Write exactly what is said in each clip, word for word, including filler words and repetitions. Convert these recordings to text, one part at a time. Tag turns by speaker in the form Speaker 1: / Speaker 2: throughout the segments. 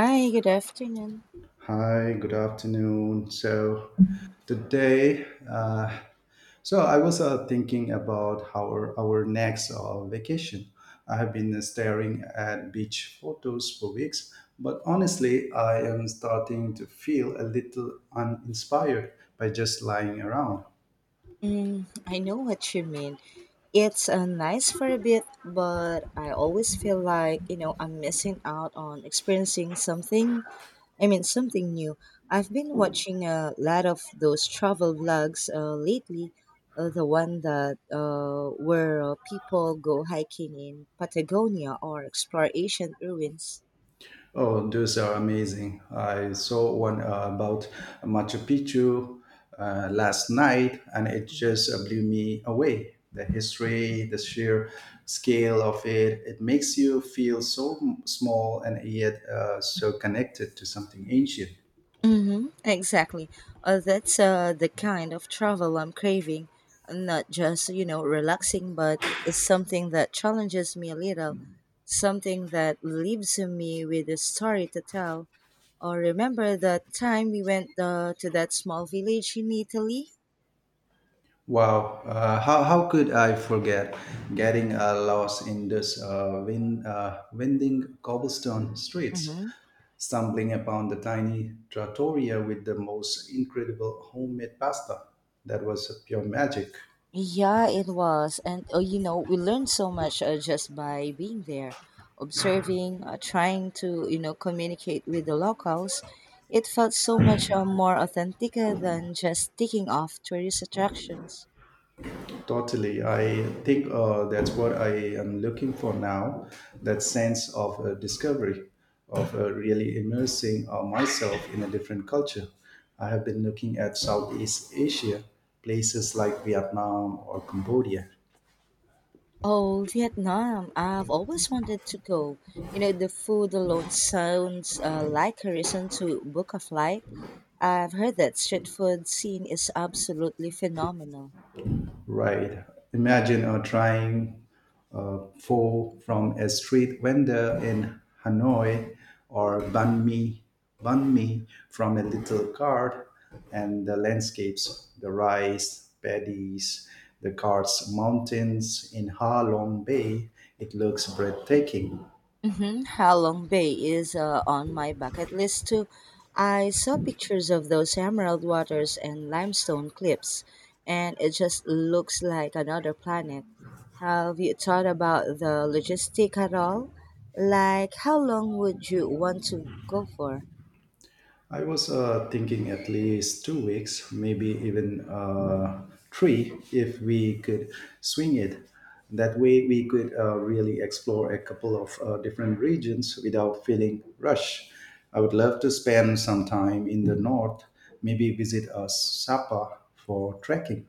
Speaker 1: Hi, good afternoon.
Speaker 2: Hi, good afternoon. So today, uh, so I was uh, thinking about our our next uh, vacation. I have been uh, staring at beach photos for weeks, but honestly, I am starting to feel a little uninspired by just lying around.
Speaker 1: Mm, I know what you mean. It's uh, nice for a bit, but I always feel like, you know, I'm missing out on experiencing something. I mean, something new. I've been watching a lot of those travel vlogs uh, lately. Uh, the one that uh, where uh, people go hiking in Patagonia or explore ancient ruins.
Speaker 2: Oh, those are amazing. I saw one uh, about Machu Picchu uh, last night, and it
Speaker 1: Mhm.
Speaker 2: just uh, blew me away. The history, the sheer scale of it, it makes you feel so m- small, and yet uh, so connected to something ancient.
Speaker 1: Mm-hmm, exactly. Uh, that's uh, the kind of travel I'm craving. Not just, you know, relaxing, but something that challenges me a little, something that leaves me with a story to tell. Or remember that time we went uh, to that small village in Italy?
Speaker 2: Wow, uh, how, how could I forget getting uh, lost in this uh, wind, uh, winding cobblestone streets?
Speaker 1: Mm-hmm.
Speaker 2: Stumbling upon the tiny trattoria with the most incredible homemade pasta. That was pure magic.
Speaker 1: Yeah, it was. And uh, you know, we learned so much uh, just by being there, observing, uh, trying to, you know, communicate with the locals. It felt so much uh, more authentic uh, than just ticking off tourist attractions.
Speaker 2: Totally. I think uh, that's what I am looking for now, that sense of uh, discovery, of uh, really immersing uh, myself in a different culture. I have been looking at Southeast Asia, places like Vietnam or Cambodia.
Speaker 1: Oh, Vietnam. I've always wanted to go. You know, the food alone sounds uh, like a reason to book a flight. I've heard that street food scene is absolutely phenomenal.
Speaker 2: Right. Imagine uh, trying uh, pho from a street vendor in Hanoi, or banh mi, banh mi from a little cart, and the landscapes, the rice paddies, the cart's mountains in Ha Long Bay. It looks breathtaking.
Speaker 1: Mm-hmm. Halong Bay is uh, on my bucket list too. I saw pictures of those emerald waters and limestone cliffs, and it just looks like another planet. Have you thought about the logistic at all? Like, how long would you want to go for?
Speaker 2: I was uh, thinking at least two weeks, maybe even uh, three, if we could swing it. That way, we could uh, really explore a couple of uh, different regions without feeling rushed. I would love to spend some time in the north, maybe visit uh, Sapa for trekking.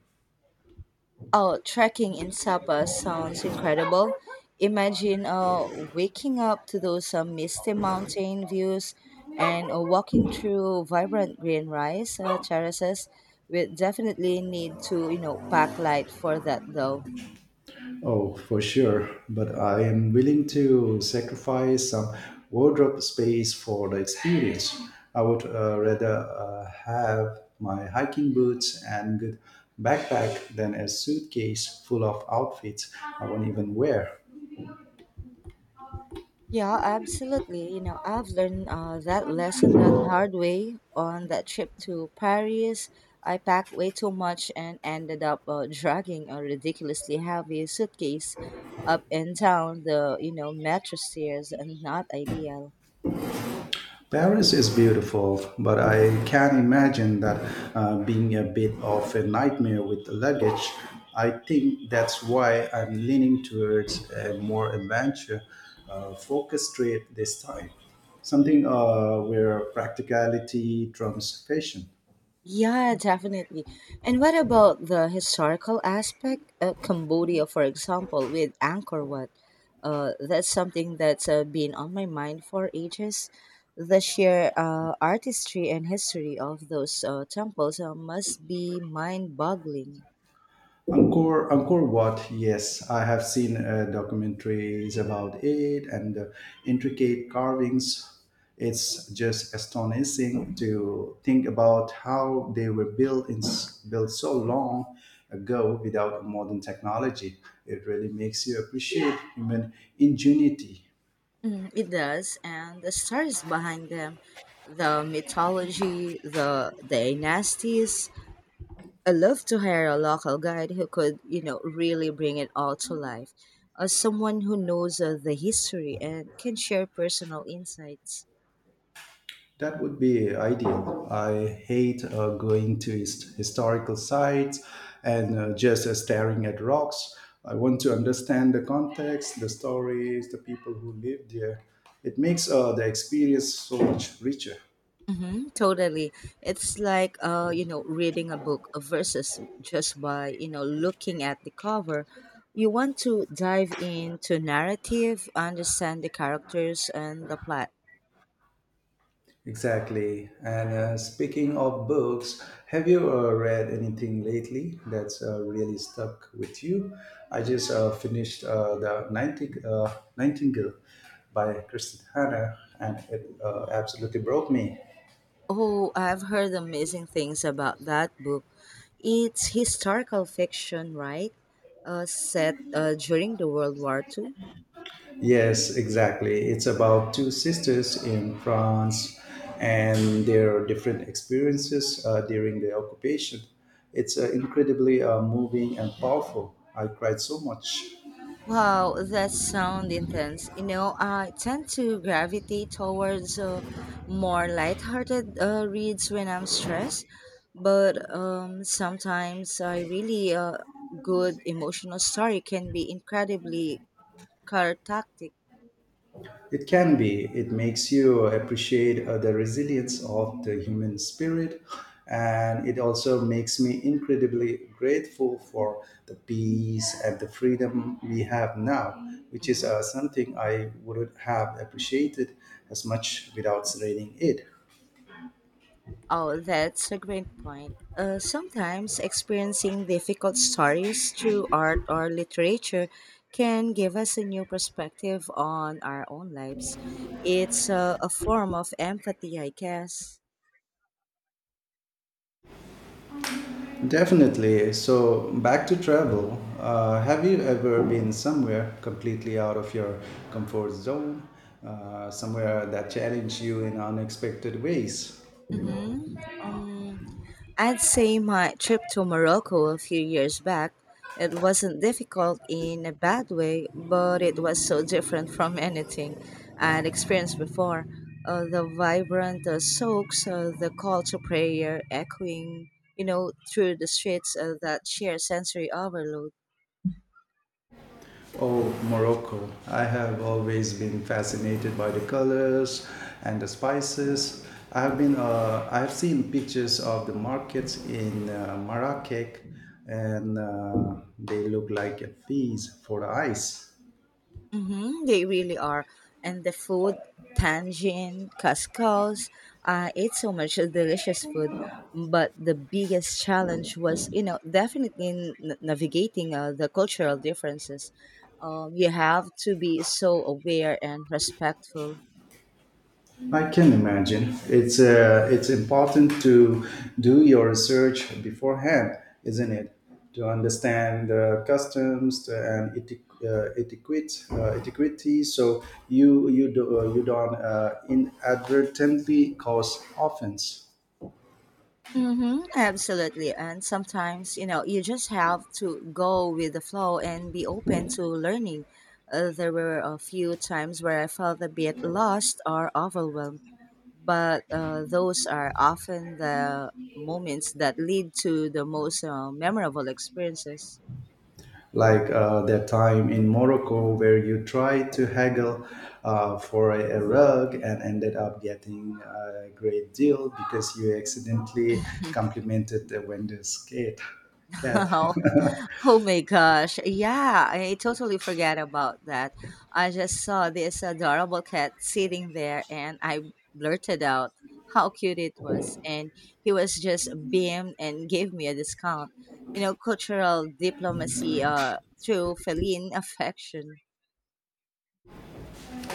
Speaker 1: Oh, trekking in Sapa sounds incredible. Imagine uh, waking up to those uh, misty mountain views and uh, walking through vibrant green rice uh, terraces. We definitely need to, you know, pack light for that though.
Speaker 2: Oh, for sure. But I am willing to sacrifice some wardrobe space for the experience. I would uh, rather uh, have my hiking boots and good backpack than a suitcase full of outfits I won't even wear.
Speaker 1: Yeah, absolutely. You know, I've learned uh, that lesson that hard way on that trip to Paris. I packed way too much and ended up uh, dragging a ridiculously heavy suitcase up and down the, you know, metro stairs and not ideal.
Speaker 2: Paris is beautiful, but I can imagine that uh, being a bit of a nightmare with the luggage. I think that's why I'm leaning towards a more adventure uh, focused trip this time. Something uh, where practicality trumps fashion.
Speaker 1: Yeah, definitely. And what about the historical aspect? Uh, Cambodia, for example, with Angkor Wat, uh, that's something that's uh, been on my mind for ages. The sheer uh, artistry and history of those uh, temples uh, must be mind-boggling.
Speaker 2: Angkor, Angkor Wat, yes, I have seen uh, documentaries about it and the intricate carvings. It's just astonishing to think about how they were built in, built so long ago without modern technology. It really makes you appreciate human ingenuity.
Speaker 1: Mm, it does, and the stories behind them, the mythology, the dynasties, I love to hire a local guide who could, you know, really bring it all to life. Uh, someone who knows uh, the history and can share personal insights.
Speaker 2: That would be ideal. I hate uh, going to his- historical sites and uh, just uh, staring at rocks. I want to understand the context, the stories, the people who lived there. It makes uh, the experience so much richer.
Speaker 1: Mm-hmm, totally. It's like, uh, you know, reading a book versus just by, you know, looking at the cover. You want to dive into narrative, understand the characters and the plot.
Speaker 2: Exactly. And uh, speaking of books, have you uh, read anything lately that's uh, really stuck with you? I just uh, finished uh, The Nighting- uh, Nightingale by Kristen Hanna, and it uh, absolutely broke me.
Speaker 1: Oh, I've heard amazing things about that book. It's historical fiction, right? Uh, set uh, during the World War Two.
Speaker 2: Yes, exactly. It's about two sisters in France and their different experiences uh, during the occupation. It's uh, incredibly uh, moving and powerful. I cried so much.
Speaker 1: Wow, that sound intense. You know, I tend to gravitate towards uh, more lighthearted uh, reads when I'm stressed, but um, sometimes I really uh, good emotional story can be incredibly cathartic.
Speaker 2: It can be. It makes you appreciate uh, the resilience of the human spirit. And it also makes me incredibly grateful for the peace and the freedom we have now, which is
Speaker 1: Mhm.
Speaker 2: uh, something I wouldn't have appreciated as much without reading it.
Speaker 1: Oh, that's a great point. Uh, sometimes experiencing difficult stories through art or literature can give us a new perspective on our own lives. It's uh, a form of empathy, I guess.
Speaker 2: Definitely. So, back to travel. Uh, have you ever been somewhere completely out of your comfort zone? Uh, somewhere that challenged you in unexpected ways?
Speaker 1: Mm-hmm. Um, I'd say my trip to Morocco a few years back, it wasn't difficult in a bad way, but it was so different from anything I'd experienced before. Uh, the vibrant uh, souks, uh, the call to prayer echoing, you know, through the streets, uh, that sheer sensory overload.
Speaker 2: Oh, Morocco. I have always been fascinated by the colors and the spices. I have been, uh, I have seen pictures of the markets in uh, Marrakech, and uh, they look like a feast for the eyes.
Speaker 1: Mm-hmm, they really are. And the food, tangine, couscous, I ate so much delicious food. But the biggest challenge was, you know, definitely n- navigating uh, the cultural differences. Um, you have to be so aware and respectful.
Speaker 2: I can imagine. It's uh, it's important to do your research beforehand, isn't it? To understand the customs and eti- uh, etiquette, uh, etiquette, so you you do, uh, you don't uh, inadvertently cause offense.
Speaker 1: Mm-hmm, absolutely. And sometimes, you know, you just have to go with the flow and be open to learning. Uh, there were a few times where I felt a bit lost or overwhelmed but uh, those are often the moments that lead to the most uh, memorable experiences.
Speaker 2: Like uh, that time in Morocco where you tried to haggle uh, for a, a rug and ended up getting a great deal because you accidentally complimented the vendor's cat. Cat.
Speaker 1: Oh, oh my gosh. Yeah, I totally forgot about that. I just saw this adorable cat sitting there and I blurted out how cute it was. And he was just beamed and gave me a discount. You know, cultural diplomacy uh, through feline affection.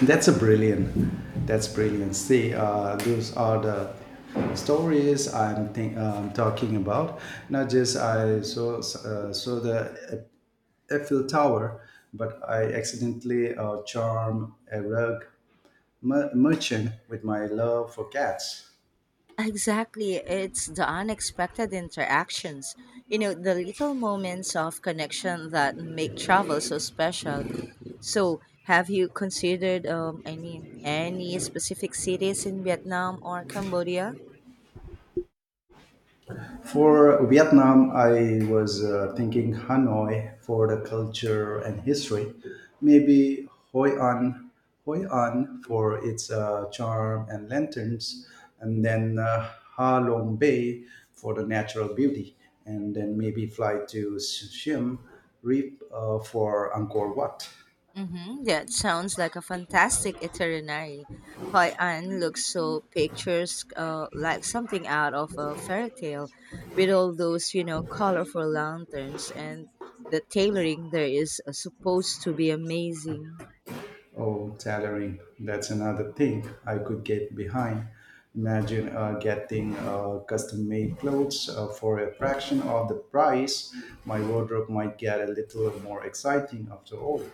Speaker 2: That's a brilliant. That's brilliant. See, uh, those are the stories I'm think, um, talking about. Not just I saw uh, saw the Eiffel Tower, but I accidentally uh, charm a rug mer- merchant with my love for cats.
Speaker 1: Exactly. It's the unexpected interactions, you know, the little moments of connection that make travel so special. So, have you considered, um, I mean, any specific cities in Vietnam or Cambodia?
Speaker 2: For Vietnam, I was uh, thinking Hanoi for the culture and history. Maybe Hoi An, Hoi An for its uh, charm and lanterns, and then uh, Ha Long Bay for the natural beauty, and then maybe fly to Siem Reap uh, for Angkor Wat.
Speaker 1: Mm-hmm. Yeah, it sounds like a fantastic itinerary. Hoi An looks so pictures uh, like something out of a fairy tale with all those, you know, colorful lanterns and the tailoring there is uh, supposed to be amazing.
Speaker 2: Oh, tailoring, that's another thing I could get behind. Imagine uh, getting uh, custom made clothes uh, for a fraction of the price. My wardrobe might get a little more exciting after all.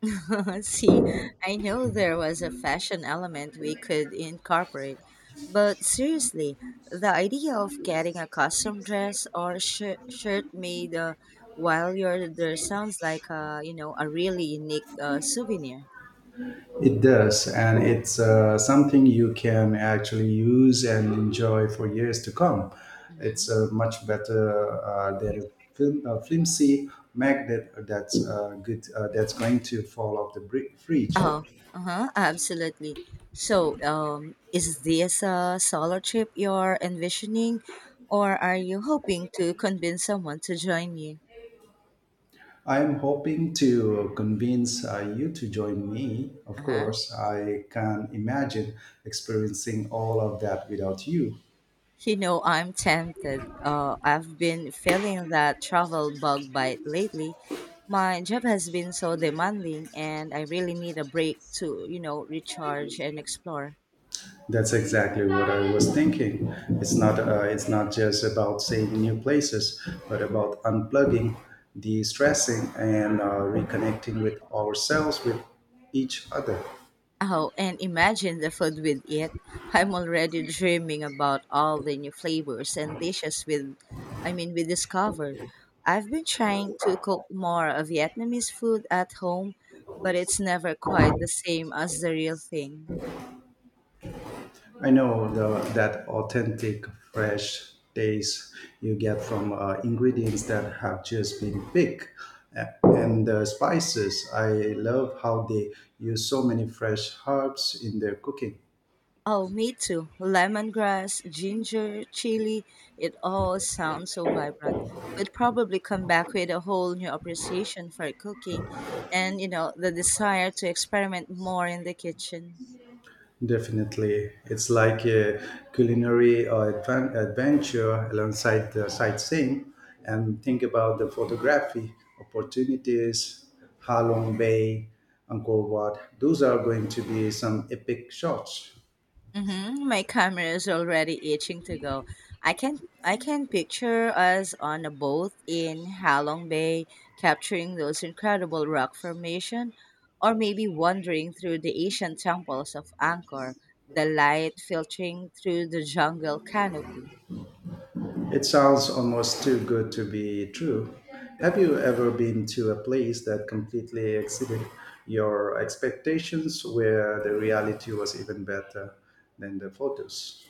Speaker 1: See, I know there was a fashion element we could incorporate, but seriously, the idea of getting a custom dress or shir- shirt made uh, while you're there sounds like a you know a really unique uh, souvenir.
Speaker 2: It does, and it's uh, something you can actually use and enjoy for years to come. It's
Speaker 1: Hmm.
Speaker 2: uh, much better uh, than a, flim- a flimsy magnet that's uh, good uh, that's going to fall off the bri- fridge.
Speaker 1: Oh, uh-huh, absolutely. So, um, is this a solo trip you're envisioning, or are you hoping to convince someone to join you?
Speaker 2: I am hoping to convince uh, you to join me. Of
Speaker 1: Uh huh.
Speaker 2: course, I can imagine experiencing all of that without you.
Speaker 1: You know, I'm tempted. Uh, I've been feeling that travel bug bite lately. My job has been so demanding, and I really need a break to, you know, recharge and explore.
Speaker 2: That's exactly what I was thinking. It's not uh, it's not just about seeing new places, but about unplugging, de-stressing, and uh, reconnecting with ourselves, with each other.
Speaker 1: Oh, and imagine the food we'd eat. I'm already dreaming about all the new flavors and dishes with, I mean, we discovered. I've been trying to cook more of Vietnamese food at home, but it's never quite the same as the real thing.
Speaker 2: I know the, that authentic, fresh taste you get from uh, ingredients that have just been picked. A- And the spices, I love how they use so many fresh herbs in their cooking.
Speaker 1: Oh, me too. Lemongrass, ginger, chili, it all sounds so vibrant. We'd probably come back with a whole new appreciation for cooking and, you know, the desire to experiment more in the kitchen.
Speaker 2: Definitely. It's like a culinary uh, adven- adventure alongside the sightseeing. And think about the photography opportunities, Halong Bay, Angkor Wat. Those are going to be some epic shots.
Speaker 1: Mm-hmm. My camera is already itching to go. I can I can picture us on a boat in Halong Bay capturing those incredible rock formation, or maybe wandering through the ancient temples of Angkor, the light filtering through the jungle canopy.
Speaker 2: It sounds almost too good to be true. Have you ever been to a place that completely exceeded your expectations, where the reality was even better than the photos?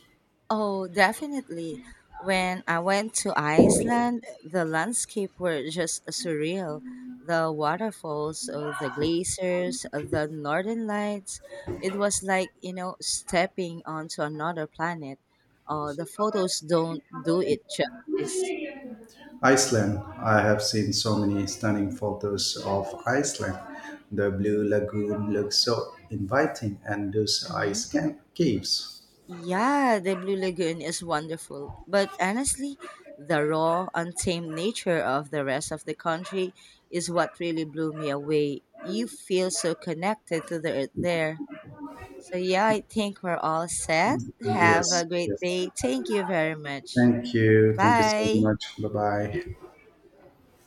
Speaker 1: Oh, definitely. When I went to Iceland, the landscape were just surreal. The waterfalls, uh, the glaciers, uh, the northern lights. It was like, you know, stepping onto another planet. Uh, the photos don't do it justice.
Speaker 2: Iceland. I have seen so many stunning photos of Iceland. The Blue Lagoon looks so inviting, and those ice
Speaker 1: Mm-hmm.
Speaker 2: ca- caves.
Speaker 1: Yeah, the Blue Lagoon is wonderful, but honestly, the raw, untamed nature of the rest of the country is what really blew me away. You feel so connected to the earth there. So, yeah, I think we're all set. Have
Speaker 2: Yes,
Speaker 1: a great
Speaker 2: yes.
Speaker 1: day. Thank you very much.
Speaker 2: Thank you. Thank you so
Speaker 1: Bye.
Speaker 2: much. Bye bye.